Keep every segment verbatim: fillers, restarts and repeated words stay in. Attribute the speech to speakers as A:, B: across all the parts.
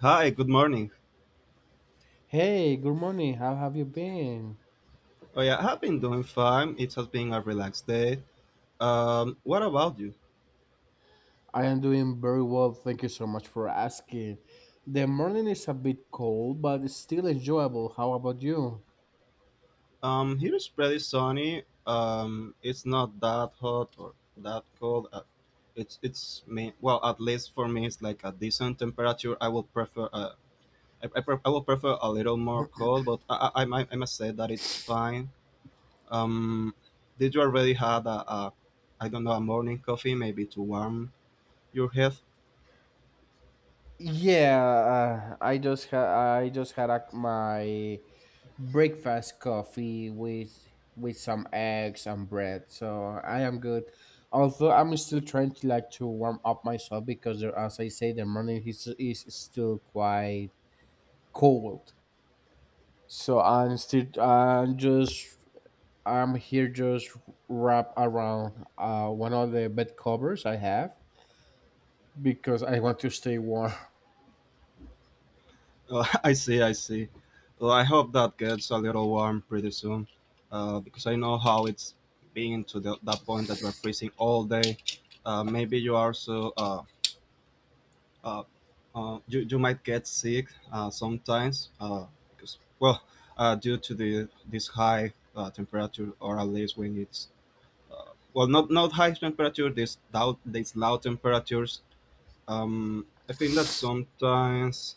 A: Hi, good morning.
B: Hey, good morning. How have you been?
A: Oh yeah, I've been doing fine. It has been a relaxed day. Um, what about you?
B: I am doing very well. Thank you so much for asking. The morning is a bit cold, but it's still enjoyable. How about you?
A: Um, here is pretty sunny. Um, it's not that hot or that cold. Uh, it's it's me. Well, at least for me, it's like a decent temperature. I will prefer. Uh, I, I, pre- I will prefer a little more cold, but I, I, I might- I must say that it's fine. Um, did you already had a, a, I don't know, a morning coffee maybe to warm your head?
B: Yeah, uh, I just had I just had a, my breakfast coffee with with some eggs and bread, so I am good. Although I'm still trying to like to warm up myself because there, as I say, the morning is is still quite cold. So I'm still. I'm just I'm here just wrap around uh, one of the bed covers I have because I want to stay warm.
A: Uh, I see, I see. Well, I hope that gets a little warm pretty soon, uh, because I know how it's being to the, that point that you are freezing all day. Uh, maybe you are so uh, uh, uh, you you might get sick uh, sometimes uh, because well uh, due to the this high uh, temperature, or at least when it's well not not high temperature, this doubt these loud temperatures. Um, I think that sometimes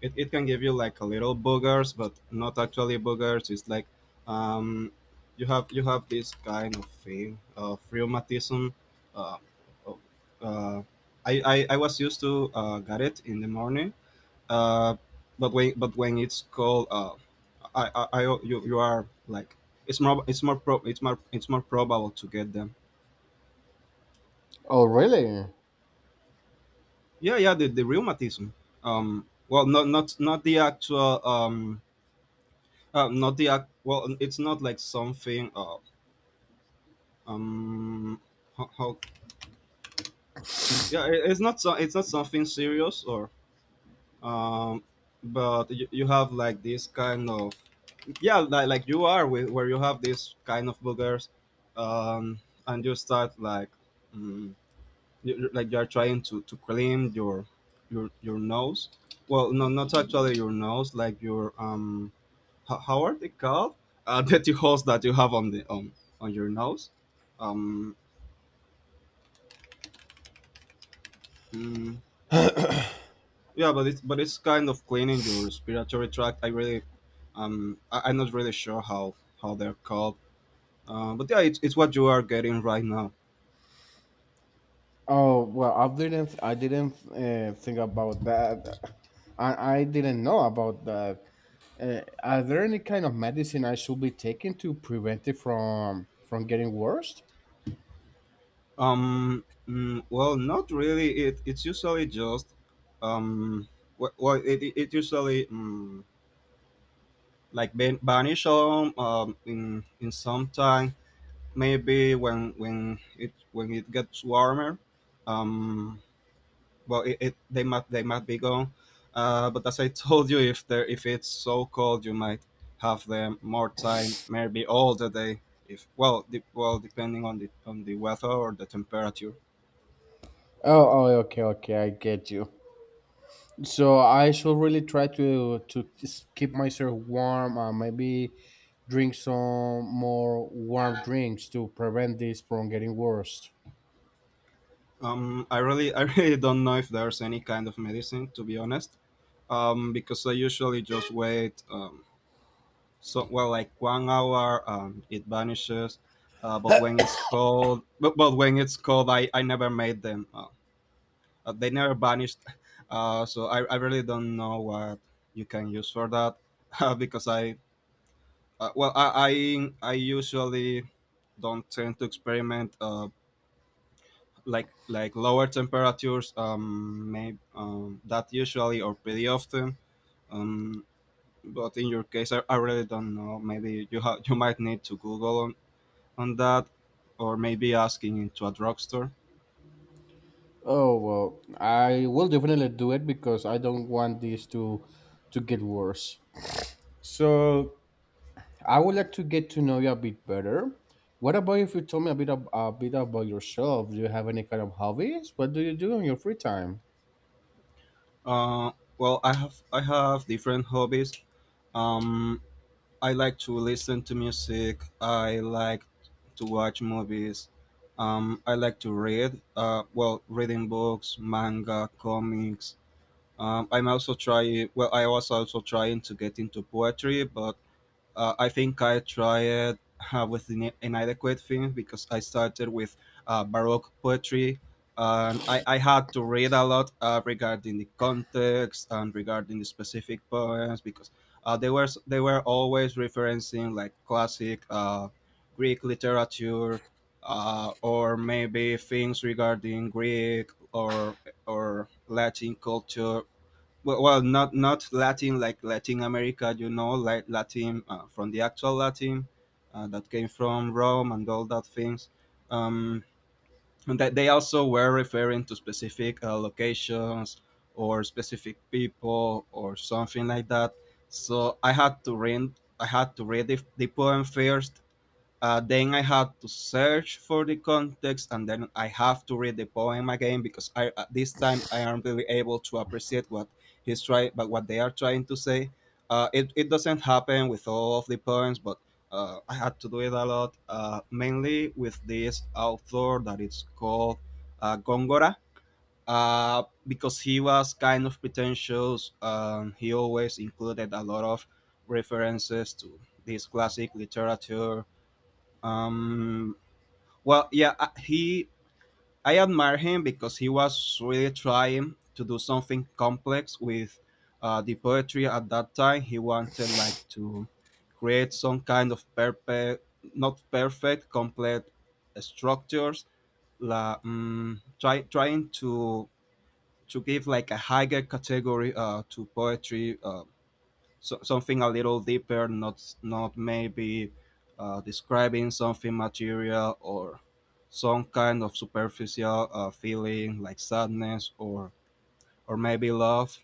A: it, it can give you like a little boogers, but not actually boogers. It's like um you have you have this kind of thing of rheumatism. uh, oh, uh, I, I i was used to uh, get it in the morning uh but when but when it's cold. Uh I I, I you, you are like it's more it's more pro, it's more it's more probable to get them.
B: Oh really?
A: Yeah yeah the, the rheumatism. Um well, not not not the actual um Uh, not the ac- well, um, it's not like something. Uh, um, how, how Yeah, it, it's not so. It's not something serious or, um, but you, you have like this kind of, yeah, like like you are with, where you have this kind of boogers, um, and you start like mm you, you- like you are trying to to clean your your your nose. Well, no, not actually your nose, like your um How how are they called? Uh, the two holes that you have on the on on your nose. Um, mm, yeah, but it's but it's kind of cleaning your respiratory tract. I really, um, I, I'm not really sure how how they're called. Uh, but yeah, it's it's what you are getting right now.
B: Oh well, I didn't I didn't uh, think about that. I I didn't know about that. Uh, are there any kind of medicine I should be taking to prevent it from from getting worse?
A: Um, mm, well, not really. It it's usually just, um, wh- well, it it it usually um, like ban- banish, um, um in in some time, maybe when when it when it gets warmer. um well, it, it they might they might be gone. Uh but as I told you, if there if it's so cold, you might have them more time, maybe all the day. If well de- well depending on the on the weather or the temperature.
B: Oh, oh, okay, okay, I get you. So I should really try to to just keep myself warm. Uh, maybe drink some more warm drinks to prevent this from getting worse.
A: Um I really I really don't know if there's any kind of medicine, to be honest. Um because I usually just wait. Um so, well, like one hour, um, it vanishes. Uh, but when it's cold, but, but when it's cold i, I never made them. Uh, uh, they never vanished. Uh, so I, I really don't know what you can use for that. uh, because I uh, well I, I i usually don't tend to experiment, uh, like like lower temperatures. Um, maybe, um that usually, or pretty often. um, but in your case, I, I really don't know. Maybe you have you might need to google on on that, or maybe asking into a drugstore.
B: Oh well, I will definitely do it because I don't want this to to get worse. So I would like to get to know you a bit better. What about if you tell me a bit ab- a bit about yourself? Do you have any kind of hobbies? What do you do in your free time?
A: Uh, well, I have I have different hobbies. Um, I like to listen to music. I like to watch movies. Um, I like to read. Uh, well, reading books, manga, comics. Um, I'm also trying. Well, I was also trying to get into poetry, but Uh, I think I tried uh, with an inadequate thing because I started with uh, Baroque poetry, and I, I had to read a lot uh, regarding the context and regarding the specific poems, because uh, they were they were always referencing like classic uh, Greek literature, uh, or maybe things regarding Greek or or Latin culture. Well, well not not Latin, like Latin America, you know, like Latin uh, from the actual Latin uh, that came from Rome and all that things. um, and that they also were referring to specific uh, locations, or specific people, or something like that. So i had to read I had to read the, the poem first. Uh, then I had to search for the context, and then I have to read the poem again because I at this time I am really able to appreciate what he's trying, but what they are trying to say. Uh, it it doesn't happen with all of the poems, but uh, I had to do it a lot, uh, mainly with this author that is called uh, Gongora, uh, because he was kind of pretentious. Um, he always included a lot of references to this classic literature. um, well, yeah, uh, he. I admire him because he was really trying to do something complex with uh, the poetry at that time. He wanted like to create some kind of perfect, not perfect, complete structures. La, um, try Trying to to give like a higher category uh, to poetry. Uh, so, something a little deeper, not not maybe uh, describing something material or some kind of superficial uh, feeling like sadness or or maybe love.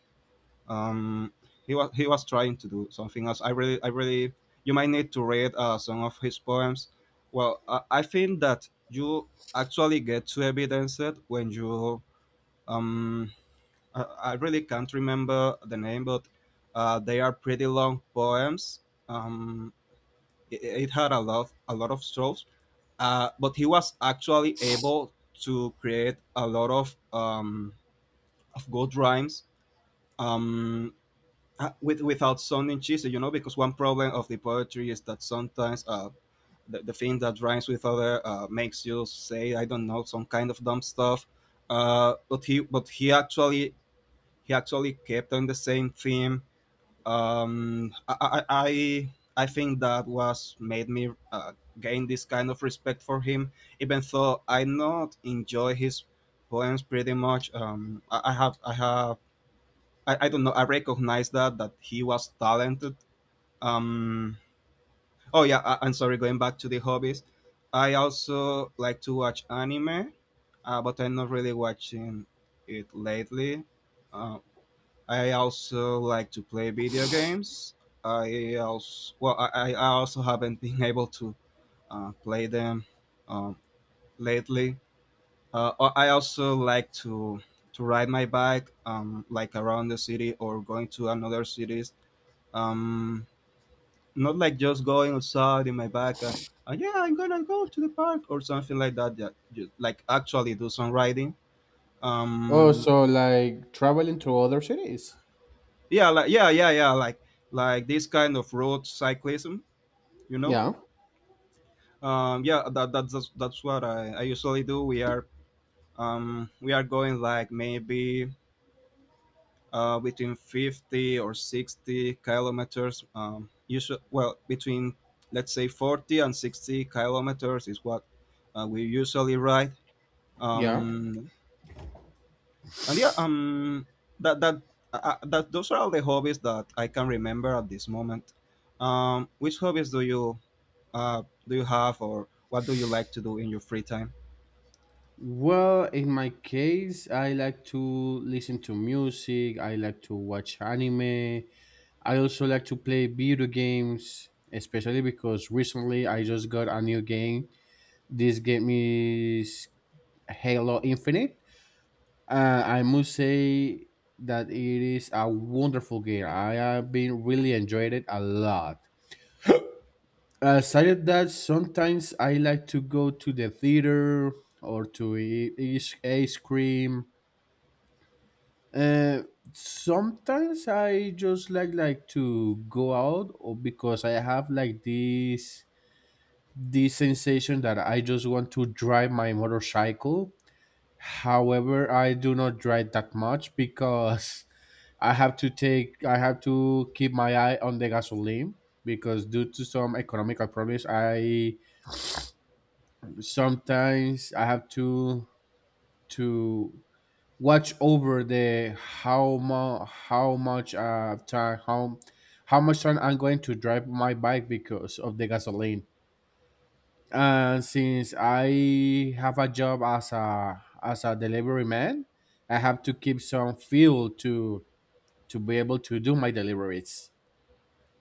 A: Um, he was he was trying to do something else. I really I really You might need to read uh, some of his poems. Well, I, I think that you actually get to evidence it when you um uh, I really can't remember the name, but uh, they are pretty long poems. Um, it, it had a lot, a lot of strophes. Uh, but he was actually able to create a lot of um, of good rhymes, um, uh, with without sounding cheesy, you know. Because one problem of the poetry is that sometimes uh, the, the thing that rhymes with other uh, makes you say, I don't know, some kind of dumb stuff. Uh, but he but he actually he actually kept on the same theme. um i i i I think that was made me uh, gain this kind of respect for him, even though I not enjoy his poems pretty much. um i, I have i have I, I don't know, I recognize that that he was talented. um oh yeah, I, I'm sorry, going back to the hobbies, I also like to watch anime, uh, but I'm not really watching it lately. Uh, I also like to play video games. I also well, I, I also haven't been able to uh, play them, um, lately. Uh, I I also like to to ride my bike, um, like around the city or going to another cities. Um, Not like just going outside in my bike. Uh, uh, yeah, I'm gonna go to the park or something like that. Yeah, just, like actually do some riding.
B: Oh,
A: Um,
B: so like traveling to other cities?
A: yeah, like yeah, yeah, yeah, like like this kind of road cyclism, you know.
B: Yeah,
A: Um yeah, that, that that's that's what I, I usually do. We are um we are going like maybe uh between fifty or sixty kilometers. Um usually, well, between, let's say, forty and sixty kilometers is what uh, we usually ride.
B: yeah.
A: um and yeah, um that that uh, uh, that those are all the hobbies that I can remember at this moment. Um which hobbies do you uh do you have, or what do you like to do in your free time?
B: Well, in my case, I like to listen to music, I like to watch anime, I also like to play video games, especially because recently I just got a new game. This game is Halo Infinite. Uh, I must say that it is a wonderful game. I have been really enjoyed it a lot. Aside of that, sometimes I like to go to the theater or to eat ice ice cream. Uh, sometimes I just like like to go out or because I have like this this sensation that I just want to drive my motorcycle. However, I do not drive that much because I have to take I have to keep my eye on the gasoline because due to some economical problems I sometimes I have to to watch over the how mu- how much uh time how how much time I'm going to drive my bike because of the gasoline. And since I have a job as a as a delivery man, I have to keep some fuel to to be able to do my deliveries.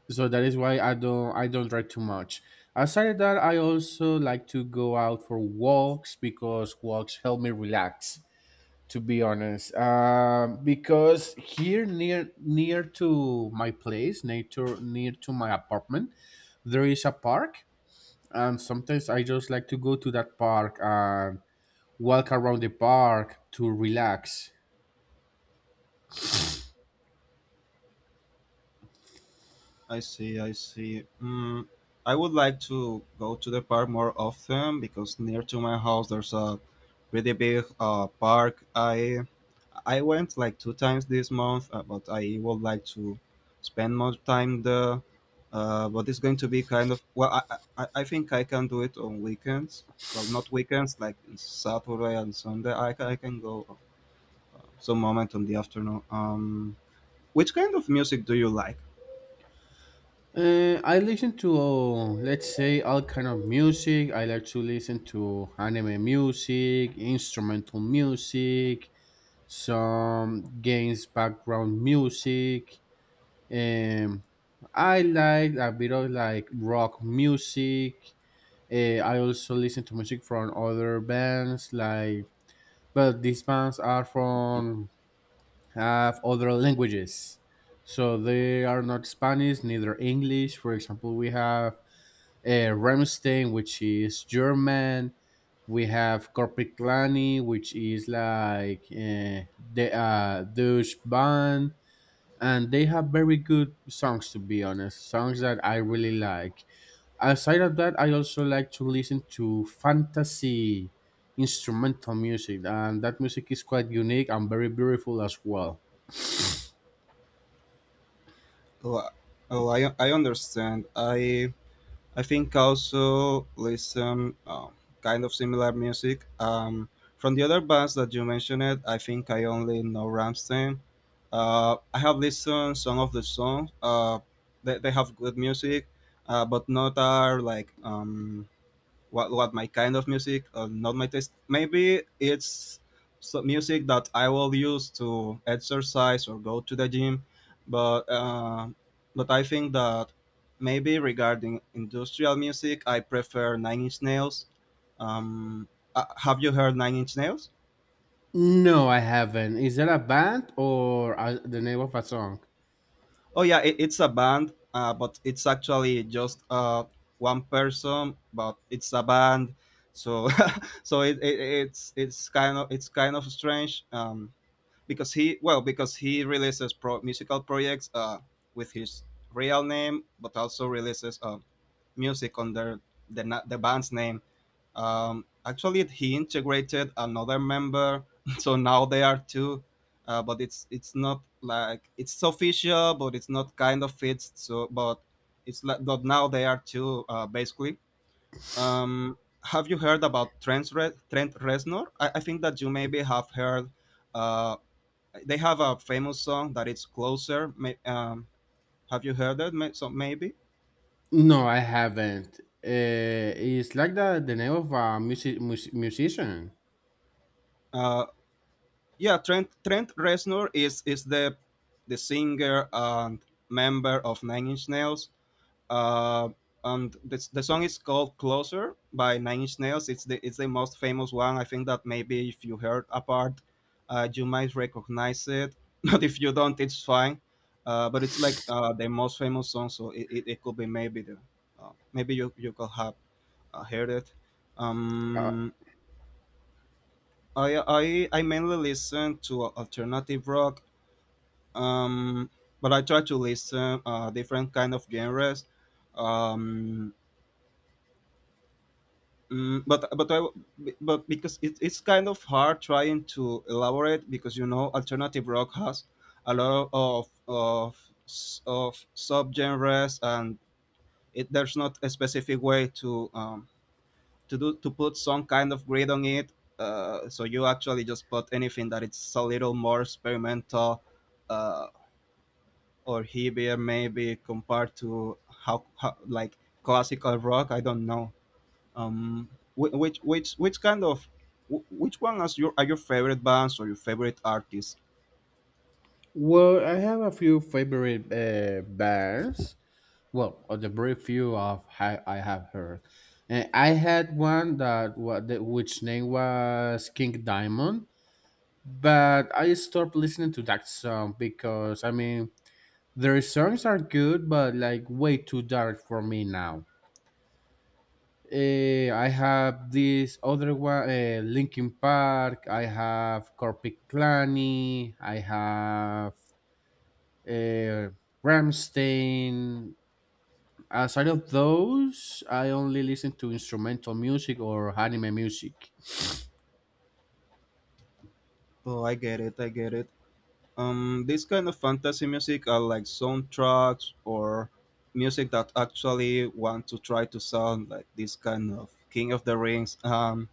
B: So that is why I don't I don't drive too much. Aside of that, I also like to go out for walks because walks help me relax, to be honest, um, because here near near to my place near to, near to my apartment there is a park, and sometimes I just like to go to that park and walk around the park to relax.
A: I see, I see. Mm, I would like to go to the park more often because near to my house there's a pretty big uh, park. I I went like two times this month, uh, but I would like to spend more time there. Uh, but it's going to be kind of well. I, I I think I can do it on weekends. Well, not weekends, like Saturday and Sunday. I ca- I can go some moment on the afternoon. Um, which kind of music do you like?
B: Uh, I listen to, let's say, all kind of music. I like to listen to anime music, instrumental music, some games background music. Um, I like a bit of like rock music. Uh, I also listen to music from other bands, like, but these bands are from have other languages, so they are not Spanish, neither English. For example, we have uh, Rammstein, which is German. We have Corpiclani, which is like uh, the uh, Dutch band, and they have very good songs, to be honest, songs that I really like. Aside of that, I also like to listen to fantasy instrumental music, and that music is quite unique and very beautiful as well.
A: Oh, oh I, I understand. I I think also listen uh, kind of similar music. Um, from the other bands that you mentioned, I think I only know Ramstein. Uh, I have listened some of the songs. Uh, they, they have good music, uh, but not are like um, what what my kind of music or not my taste. Maybe it's so- music that I will use to exercise or go to the gym, but uh, but I think that maybe, regarding industrial music, I prefer Nine Inch Nails. Um, uh, have you heard Nine Inch Nails?
B: No, I haven't. Is that a band or a, the name of a song?
A: Oh yeah, it, it's a band, uh, but it's actually just uh, one person, but it's a band, so so it, it, it's it's kind of it's kind of strange. Um, because he, well, because he releases pro- musical projects uh, with his real name, but also releases uh, music under the na- the band's name. Um, actually, he integrated another member, so now they are two. Uh, but it's it's not like it's official, but it's not kind of fits. So, but it's like but now they are two uh, basically. Um, have you heard about Trent, Re- Trent Reznor? I, I think that you maybe have heard uh, they have a famous song that it's Closer. May- Um, have you heard it? May- So maybe.
B: No, I haven't. Uh, it's like the, the name of a music, music musician?
A: Uh, yeah, Trent Trent Reznor is is the the singer and member of Nine Inch Nails. Uh, and the, the song is called "Closer" by Nine Inch Nails. It's the it's the most famous one. I think that maybe if you heard a part, uh, you might recognize it. But if you don't, it's fine. Uh, but it's like uh, the most famous song, so it, it, it could be maybe the uh, maybe you you could have uh, heard it.
B: Uh,
A: Um, I I I mainly listen to alternative rock. Um, but I try to listen uh, different kind of genres. Um, Mm, but but I, but because it, it's kind of hard trying to elaborate because you know alternative rock has a lot of of s- of subgenres and it, there's not a specific way to um, to do to put some kind of grade on it. Uh, so you actually just put anything that it's a little more experimental uh, or heavier maybe compared to how, how like classical rock. I don't know. Um, wh- which which which kind of wh- which one is your are your favorite bands or your favorite artists?
B: well, I have a few favorite uh, bands. Well, uh, the brief few of I, I have heard, and I had one that what the, which name was King Diamond, but I stopped listening to that song because, I mean, their songs are good, but like way too dark for me now. Eh, I have this other one, uh, Linkin Park. I have Corpic Clanny. I have uh, Ramstein. Aside of those, I only listen to instrumental music or anime music.
A: Oh, I get it, I get it. Um, this kind of fantasy music are like soundtracks or music that actually want to try to sound like this kind of King of the Rings um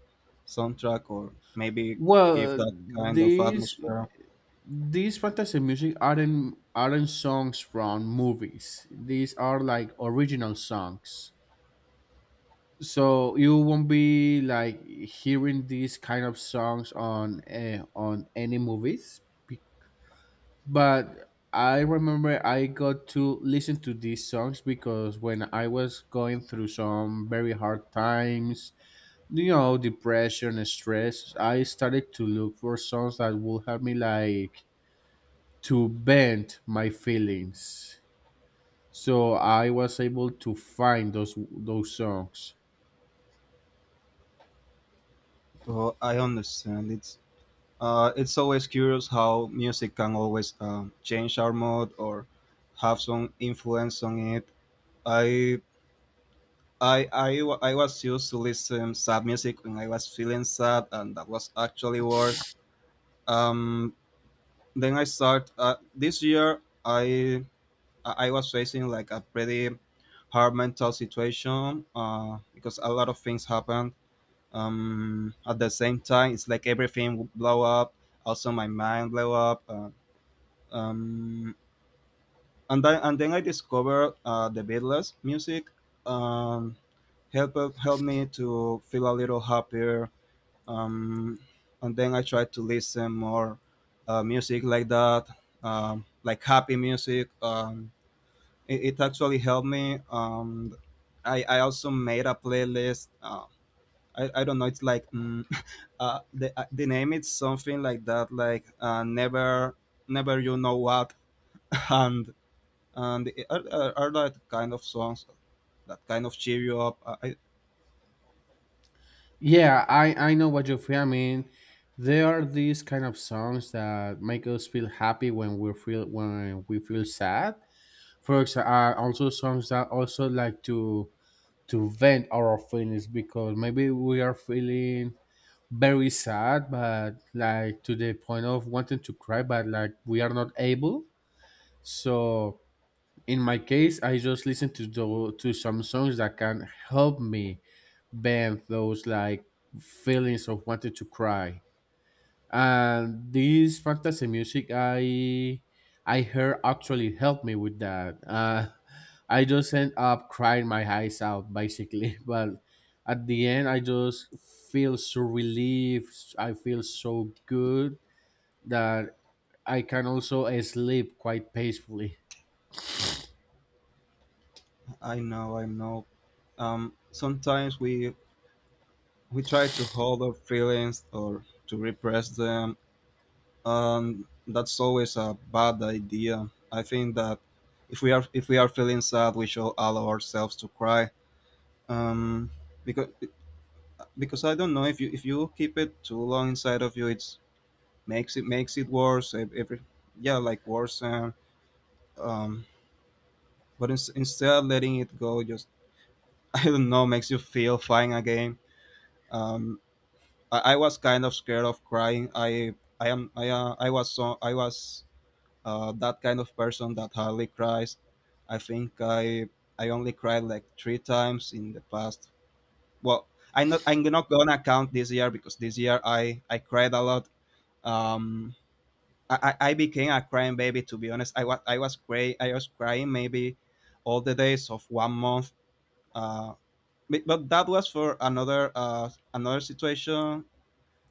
A: soundtrack or maybe give
B: Well,
A: that kind of
B: these
A: atmosphere.
B: these fantasy music aren't aren't songs from movies. These are like original songs. So you won't be like hearing these kind of songs on uh, on any movies. Be- But I remember I got to listen to these songs because when I was going through some very hard times, you know, depression, stress, I started to look for songs that will help me like to bend my feelings, so I was able to find those those songs.
A: Oh, I understand. It's Uh, it's always curious how music can always um, change our mood or have some influence on it. I, I, I, wa- I was used to listen sad music when I was feeling sad, and that was actually worse. Um, then I start uh, this year. I I I was facing like a pretty hard mental situation uh, because a lot of things happened. Um, at the same time, it's like everything would blow up. Also, my mind blew up. Uh, um, and then and then I discovered uh, the Beatles music. Um, helped helped me to feel a little happier. Um, and then I tried to listen more uh, music like that, um, like happy music. Um, it, it actually helped me. Um, I I also made a playlist. Uh, I, I don't know. It's like mm, uh, the uh, the name is something like that. Like uh, never never you know what and and the- are, are, are that kind of songs that kind of cheer you up. I
B: Yeah, i i know what you feel. I mean, there are these kind of songs that make us feel happy when we feel when we feel sad. For example, are also songs that also like to to vent our feelings because maybe we are feeling very sad, but like to the point of wanting to cry, but like we are not able. So in my case, I just listen to the to some songs that can help me bend those like feelings of wanting to cry. And this fantasy music i I heard actually helped me with that. Uh, I just end up crying my eyes out basically, but at the end I just feel so relieved, I feel so good that I can also, uh, sleep quite peacefully.
A: i know i know Um, sometimes we we try to hold our feelings or to repress them, and that's always a bad idea. I think that if we are if we are feeling sad we should allow ourselves to cry. Um, because because I don't know, if you if you keep it too long inside of you, it's makes it makes it worse ev- every yeah, like worse. Um, but ins- instead of letting it go, just I don't know, makes you feel fine again. Um, i, I was kind of scared of crying. I I am I uh, I was so I was uh, that kind of person that hardly cries. I think i I only cried like three times in the past. Well, i'm not I'm not gonna count this year because this year i I cried a lot. Um, I, I I became a crying baby, to be honest. I was I was cry I was crying maybe all the days of one month. Uh, but but that was for another uh, another situation.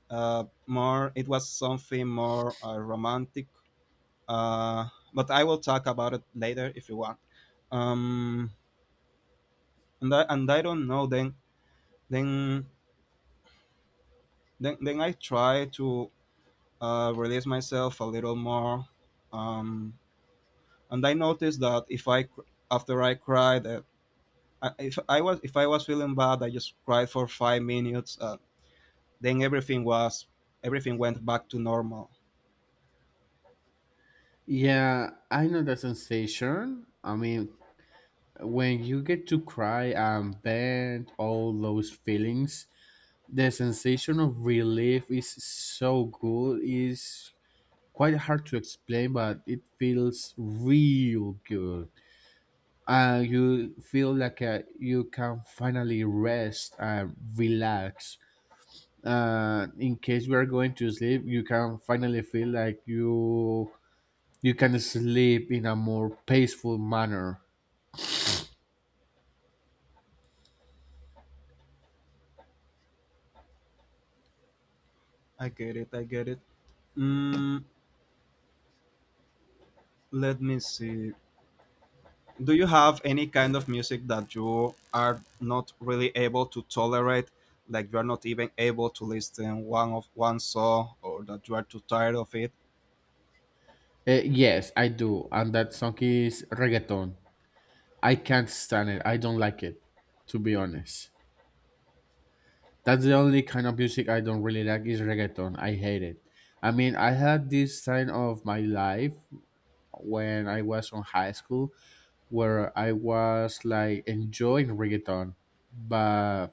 A: Uh, more, it was something more uh, romantic. Uh, but I will talk about it later if you want. Um, and I, and I don't know. Then then then then I try to uh, release myself a little more. Um, and I noticed that if I cr- after I cried, uh, I- if I was if I was feeling bad, I just cried for five minutes. Uh, then everything was everything went back to normal.
B: Yeah, I know the sensation. I mean, when you get to cry and vent all those feelings, the sensation of relief is so good, is quite hard to explain, but it feels real good. Uh, you feel like uh, you can finally rest and relax. Uh, in case you are going to sleep, you can finally feel like you you can sleep in a more peaceful manner.
A: I get it. I get it. Mm, let me see. Do you have any kind of music that you are not really able to tolerate? Like you are not even able to listen one of one song, or that you are too tired of it.
B: Uh, yes, I do, and that song is reggaeton. I can't stand it, I don't like it, to be honest. That's the only kind of music I don't really like is reggaeton. I hate it. I mean, I had this time of my life when I was on high school where I was like enjoying reggaeton. But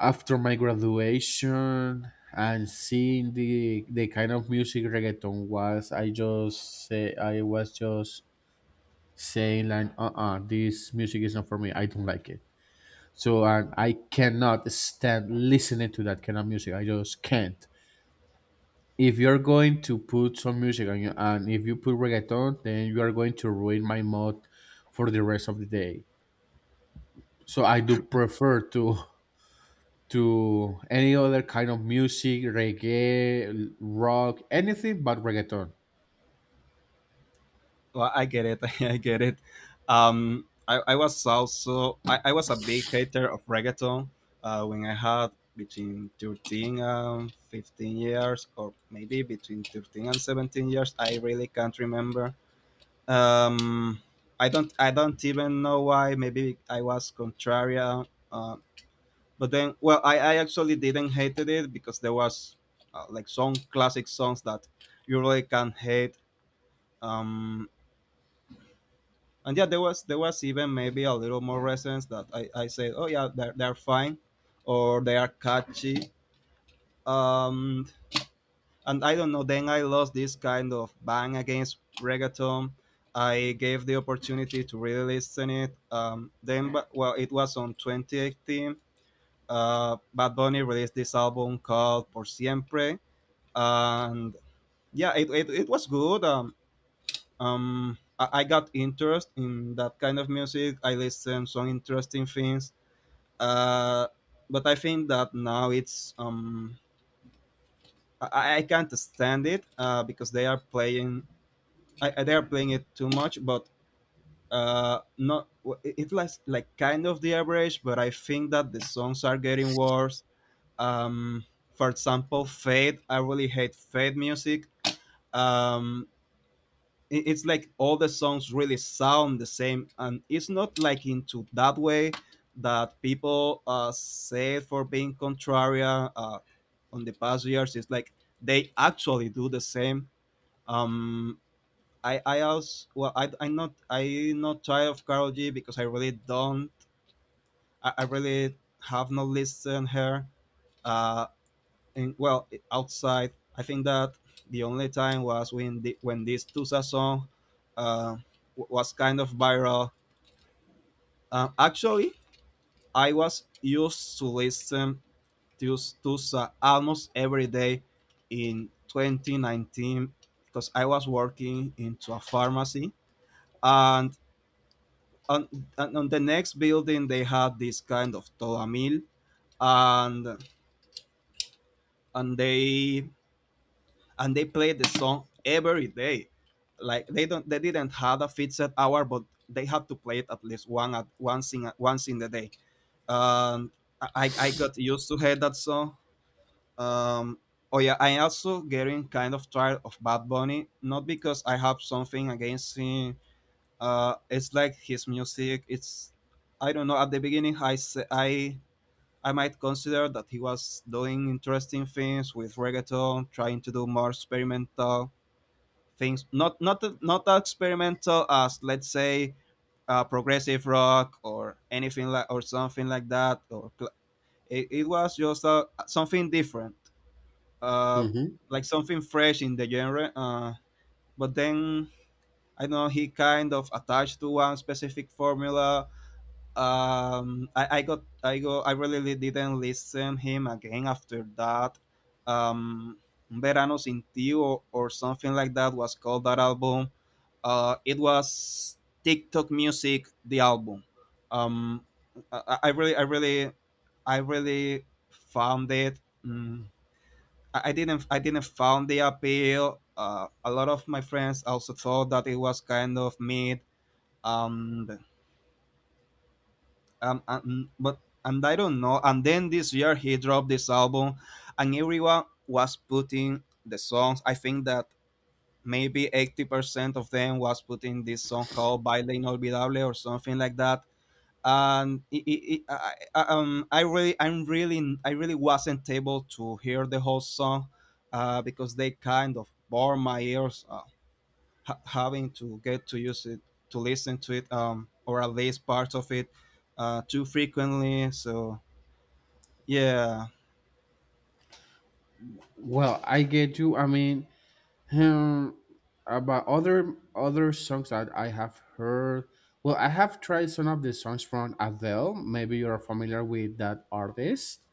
B: after my graduation and seeing the the kind of music reggaeton was, I just say I was just saying like, uh, uh this music is not for me. I don't like it. So and I cannot stand listening to that kind of music. I just can't. If you're going to put some music on you, and if you put reggaeton, then you are going to ruin my mood for the rest of the day. So I do prefer to to any other kind of music: reggae, rock, anything but reggaeton.
A: Well, I get it. I get it. Um, I, I was also I, I was a big hater of reggaeton uh, when I had between thirteen and fifteen years, or maybe between thirteen and seventeen years. I really can't remember. Um, i don't I don't even know why. Maybe I was contrarian. uh, uh, but then, well, I, I actually didn't hated it because there was uh, like some classic songs that you really can hate. Um, and yeah, there was there was even maybe a little more recent that i I said, oh yeah, they're, they're fine, or they are catchy. Um, and I don't know. Then I lost this kind of bang against reggaeton. I gave the opportunity to really listen it. Um, then, but- well, it was on twenty eighteen. Uh, Bad Bunny released this album called Por Siempre, and yeah, it, it, it was good. Um, um, I, I got interest in that kind of music. I listened some interesting things. Uh, but I think that now it's um I, I can't stand it uh, because they are playing I, they are playing it too much. But uh, not it- it's like like kind of the average. But I think that the songs are getting worse. Um, for example, Fade. I really hate Fade music. Um, i- it's like all the songs really sound the same, and it's not like into that way that people uh, say for being contrarian uh, on the past years. It's like they actually do the same. Um, I I also, well, I I'm not I'm not tired of Carol G because I really don't I, I really have not listened her uh and well, outside I think that the only time was when the, when this Tusa song uh, w- was kind of viral. Um, actually, I was used to listen to Tusa almost every day in twenty nineteen because I was working into a pharmacy, and on, and on the next building they had this kind of toamil, and and they and they played the song every day. Like they don't they didn't have a fixed hour, but they had to play it at least one at once in once in the day. Um, I i got used to hear that song. Um, oh yeah, I also getting kind of tired of Bad Bunny, not because I have something against him. Uh, it's like his music, it's, I don't know. At the beginning I s- I I might consider that he was doing interesting things with reggaeton, trying to do more experimental things, not not not as experimental as, let's say, uh, progressive rock, or anything like or something like that or cl- it, it was just uh, something different. uh,
B: Hmm.
A: like something fresh in the genre. Uh, but then I don't know, he kind of attached to one specific formula. Um, I, I got I go I really didn't listen him again after that. Um, Un Verano Sin Ti, or, or something like that was called that album. Uh, it was TikTok music, the album. Um, I, I really I really I really found it— mm, I, I didn't I didn't found the appeal. Uh, a lot of my friends also thought that it was kind of mid. um um, and but and I don't know. And then this year he dropped this album, and everyone was putting the songs. I think that maybe eighty percent of them was putting this song called "Baile Inolvidable" or something like that. And it, it, it, I, I- um, I really, I'm really, I really wasn't able to hear the whole song uh, because they kind of bore my ears. uh, ha- having to get to use it to listen to it, um, or at least parts of it, uh, too frequently, so yeah.
B: Well, I get you. I mean, um, about other other songs that I have heard. Well, I have tried some of the songs from Adele. Maybe you're familiar with that artist.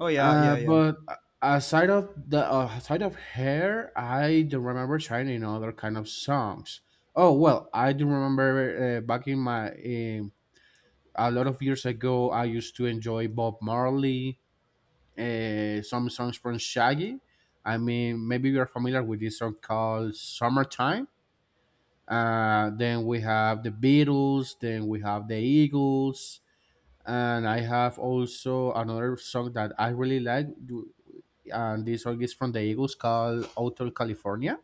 A: Oh yeah, yeah,
B: Uh,
A: yeah.
B: but aside of the uh, aside of her, I don't remember trying any other kind of songs. Oh well, I do remember, uh, back in my, um, a lot of years ago, I used to enjoy Bob Marley, uh, some songs from Shaggy. I mean, maybe you're familiar with this song called "Summertime." Uh, then we have the Beatles. Then we have the Eagles. And I have also another song that I really like. do- And this song is from the Eagles, called Hotel California.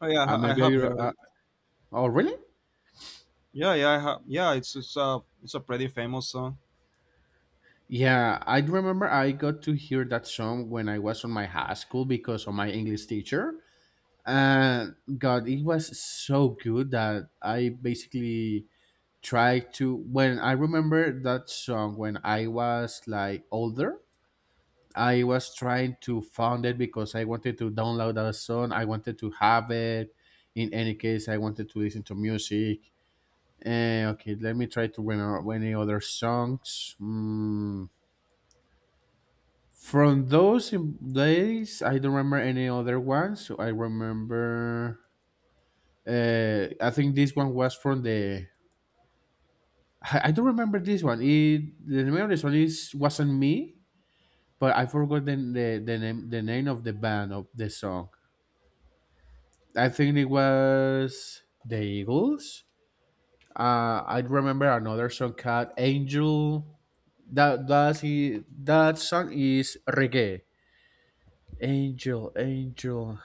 A: Oh yeah,
B: Uh,
A: i, I
B: maybe
A: have heard
B: I, uh,
A: it.
B: oh, really?
A: Yeah, yeah, I have. Yeah, it's it's a it's a pretty famous song.
B: Yeah, I remember I got to hear that song when I was on my high school because of my English teacher. And God, it was so good that I basically tried to. When I remember that song when I was like older, I was trying to found it because I wanted to download that song. I wanted to have it. In any case, I wanted to listen to music. Eh, okay, let me try to remember any other songs. Mm, from those in- days, I don't remember any other ones. So I remember. Uh, I think this one was from the. I I don't remember this one. It the name of the song is wasn't me, but I forgot the, the, the name the name of the band of the song. I think it was the Eagles. Uh, I remember another song called Angel. That that's he, that song is reggae. Angel, Angel.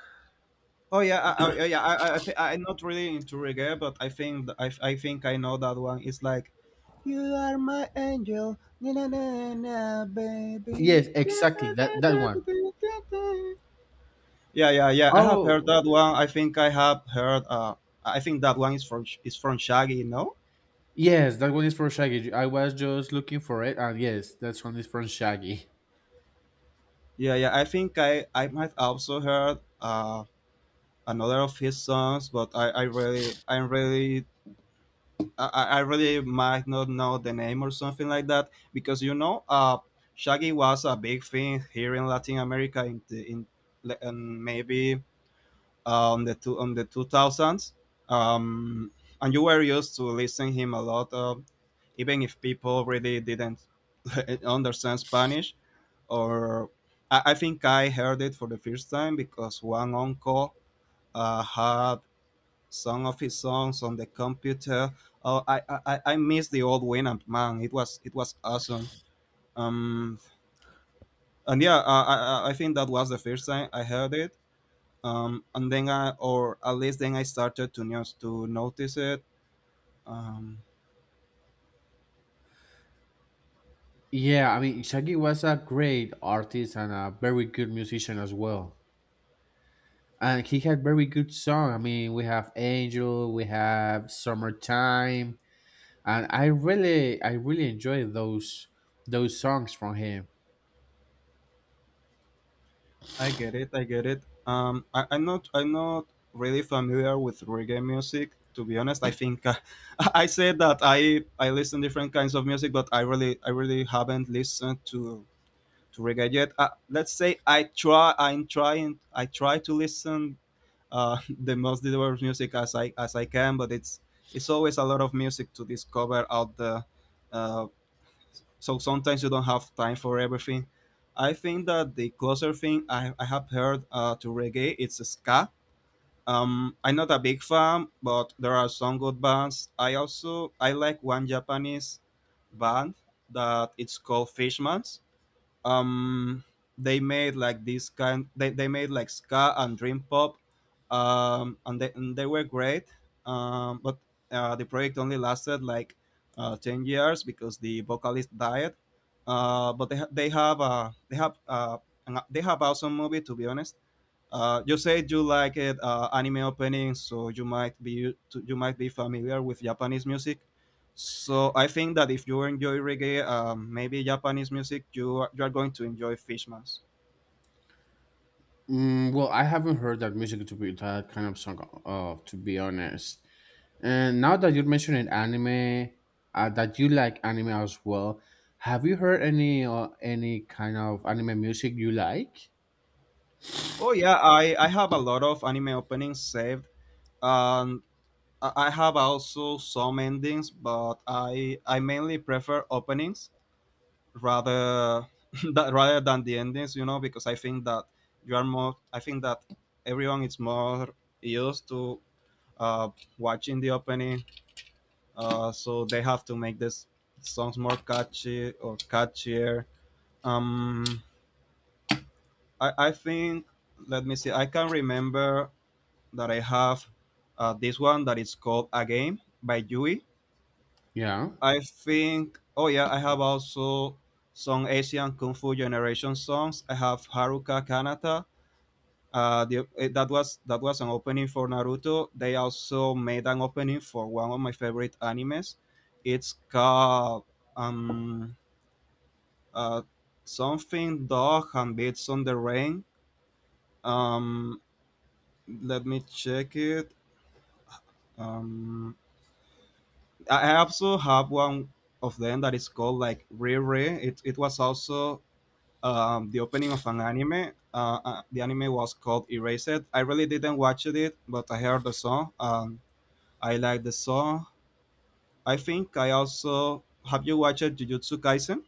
A: Oh yeah, I, I, yeah, I, I, I thi- I'm not really into reggae, but i think th- I, I think I know that one. It's like, you are my angel, na na na na, baby.
B: Yes, exactly. That that one.
A: Yeah, yeah, yeah. I have heard
B: Oh,
A: that one. I think I have heard. Uh, I think that one is from is from Shaggy. No.
B: yes, that one is from Shaggy. I was just looking for it, and yes, that one is from Shaggy.
A: Yeah, yeah. I think I I might also heard uh another of his songs, but I I really I really I I I really might not know the name or something like that, because you know, uh Shaggy was a big thing here in Latin America, in the in, and maybe, uh, on the two on the two thousands, um, and you were used to listening him a lot, uh, even if people really didn't understand Spanish. Or I, I think I heard it for the first time, because one uncle uh, had some of his songs on the computer. Oh, I I, I I miss the old Winamp, man. It was it was awesome. Um, and yeah, uh, I I I think that was the first time I heard it, um, and then I, or at least then I started to notice to notice it. Um,
B: Yeah, I mean Shaggy was a great artist and a very good musician as well. And he had very good song. I mean, we have Angel, we have Summertime, and I really, I really enjoy those those songs from him.
A: I get it, I get it. Um, I, I'm not I'm not really familiar with reggae music, to be honest. I think, uh, I said that I I listen different kinds of music, but I really I really haven't listened to to reggae yet. Uh, let's say I try I'm trying I try to listen, uh, the most diverse music as I as I can, but it's it's always a lot of music to discover out there, so sometimes you don't have time for everything. I think that the closer thing I, I have heard, uh, to reggae, it's ska. Um, I'm not a big fan, but there are some good bands. I also I like one Japanese band that it's called Fishmans. um they made like this kind, they, they made like ska and dream pop, um and they, and they were great, um but uh, the project only lasted like, uh, 10 years, because the vocalist died. uh but they, ha- they have uh they have uh an- they have awesome movie, to be honest. Uh, you said you like it, uh, anime openings, so you might be you might be familiar with Japanese music. So I think that if you enjoy reggae, um, maybe Japanese music, you are, you are going to enjoy Fishmans.
B: Mm, well, I haven't heard that music to be that kind of song, uh, to be honest. And now that you're mentioning anime, uh, that you like anime as well, have you heard any uh, any kind of anime music you like?
A: Oh yeah, I, I have a lot of anime openings saved, and I I have also some endings, but I I mainly prefer openings rather that, rather than the endings, you know, because I think that you are more. I think that everyone is more used to, uh, watching the opening. Uh, so they have to make this songs more catchy, or catchier. Um, I, I think, let me see, I can remember that I have, uh, this one that is called A Game by Yui.
B: Yeah.
A: I think, oh yeah, I have also some Asian Kung Fu Generation songs. I have Haruka Kanata. uh, the, eh, that was that was an opening for Naruto. They also made an opening for one of my favorite animes. It's called, um, uh, something dog and beats on the rain. Um, Let me check it. Um, I I also have one of them that is called like Riri. It it was also, um, the opening of an anime. Uh, uh, the anime was called Erased. I really didn't watch it, but I heard the song. Um, I like the song. I think I also have, you watched Jujutsu Kaisen?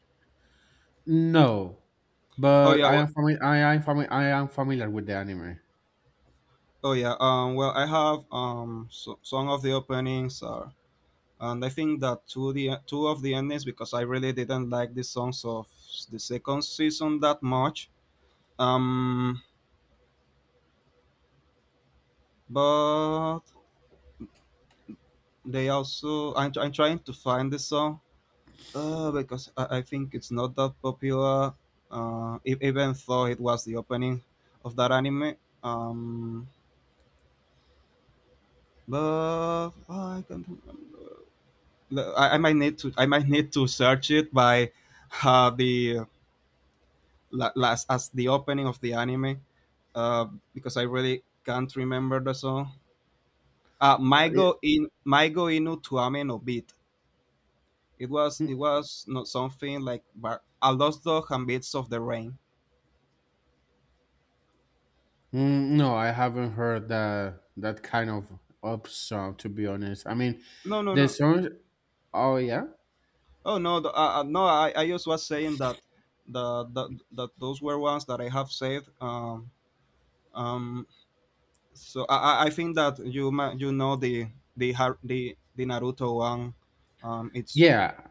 B: No,
A: Oh
B: but
A: yeah,
B: I
A: wh-
B: am familiar. I am familiar. I am familiar with the anime.
A: oh yeah. Um, well, I have, um so, song of the openings are, and I think that two the two of the endings, because I really didn't like the songs of the second season that much. Um, but they also, I'm, I'm trying to find the song. Uh, because I, I think it's not that popular. Uh, e- even though it was the opening of that anime. Um, but I can't. Remember. I, I might need to. I might need to search it by, uh, the la- last, as the opening of the anime, uh, because I really can't remember the song. Uh, Maigo in Maigo Inu Tuame no Beat. It was it was not something like bar- a lost dog and beats of the rain.
B: Mm, no, I haven't heard that that kind of up song, to be honest. I mean,
A: No, no,
B: the
A: no.
B: songs. Oh yeah,
A: Oh, no, the, uh, uh, no. I, I just was saying that the, the that those were ones that I have saved. Um, um, So I, I I think that you ma- you know the the Har- the the Naruto one. Um, it's.
B: yeah.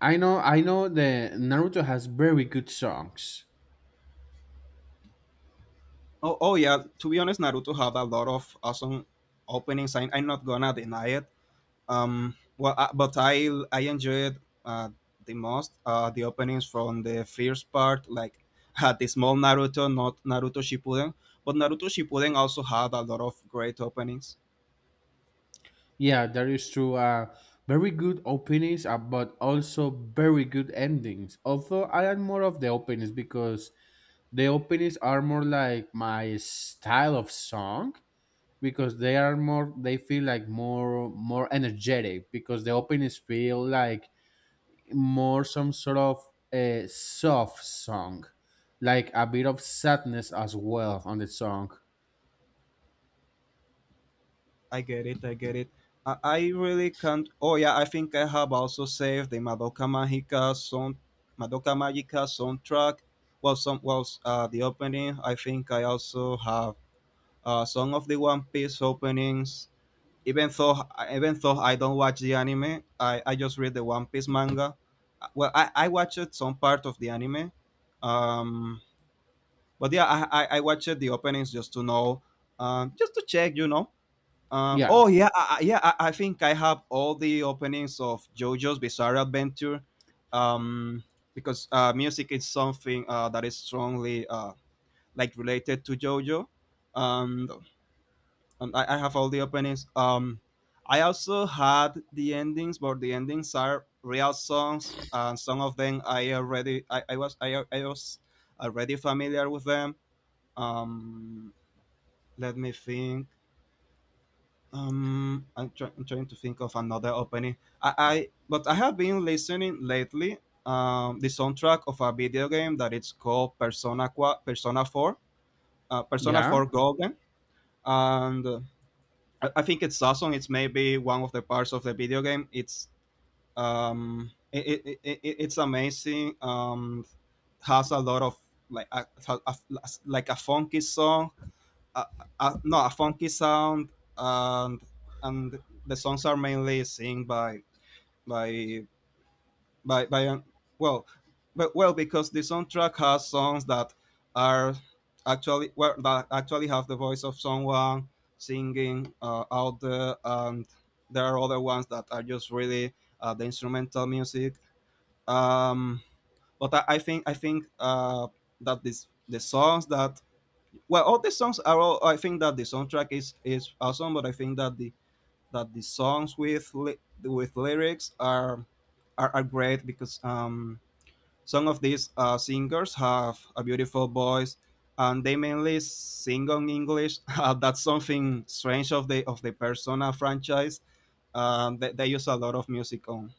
B: I know. I know. The Naruto has very good songs.
A: Oh oh yeah. To be honest, Naruto had a lot of awesome openings. I, I'm not gonna deny it. Um, well, I, but I I enjoyed, uh, the most, uh, the openings from the first part, like, had the small Naruto, not Naruto Shippuden. But Naruto Shippuden also had a lot of great openings.
B: Yeah, that is true. Uh, very good openings, uh, but also very good endings. Although I am more of the openings because the openings are more like my style of song because they are more. They feel like more more energetic because the openings feel like more some sort of a soft song, like a bit of sadness as well on the song.
A: I get it. I get it. I, I really can't. Oh yeah, I think I have also saved the Madoka Magica sound, Madoka Magica soundtrack. Well, some, well, uh, the opening. I think I also have, uh, Song of the One Piece openings. Even though Even though I don't watch the anime, I, I just read the One Piece manga. Uh, Well, I, I watched some part of the anime. Um, but yeah, I, I, I watched the openings just to know, um, just to check. You know uh,
B: Yeah,
A: oh yeah, I, I- yeah. I, I think I have all the openings of JoJo's Bizarre Adventure. um, because, uh, music is something, uh, that is strongly, uh, like related to JoJo. um, and I, I have all the openings. Um, I also had the endings, but the endings are real songs, and some of them I already I, I was I, I was already familiar with them. Um, Let me think. Um, I'm, try- I'm trying to think of another opening. I, I But I have been listening lately. Um, the soundtrack of a video game that it's called Persona Qua- Persona Four, uh, Persona
B: yeah.
A: Four Golden, and, uh, I, I think it's awesome. It's maybe one of the parts of the video game. It's um, it, it, it, it- it's amazing. Um, has a lot of like a, a, a- like a funky song, uh, uh, no, a funky sound, and and the songs are mainly sing by by by by, um, well, but well, because the soundtrack has songs that are actually well, that actually have the voice of someone singing, uh, out there, and there are other ones that are just really, uh, the instrumental music. um, but I, I think I think, uh, that this, the songs that, well, all the songs are all, I think that the soundtrack is is awesome, but I think that the that the songs with ly- with lyrics are, are, are great, because, um some of these, uh, singers have a beautiful voice, and they mainly sing on English. Uh, that's something strange of the of the Persona franchise. Um they, they use a lot of music on,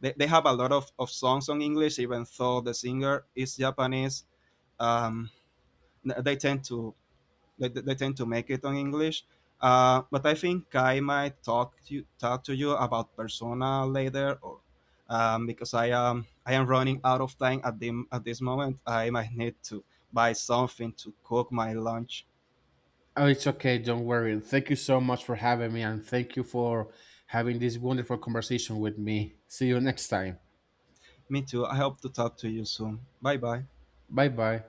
A: they, they have a lot of, of songs on English even though the singer is Japanese. um, n- they tend to like they, they tend to make it on English. Uh, but I think Kai might talk to you, talk to you about Persona later, or, um, because I am I am running out of time at the at this moment. I might need to buy something to cook my lunch.
B: Oh, it's okay. Don't worry. Thank you so much for having me, and thank you for having this wonderful conversation with me. See you next time.
A: Me too. I hope to talk to you soon. Bye bye.
B: Bye bye.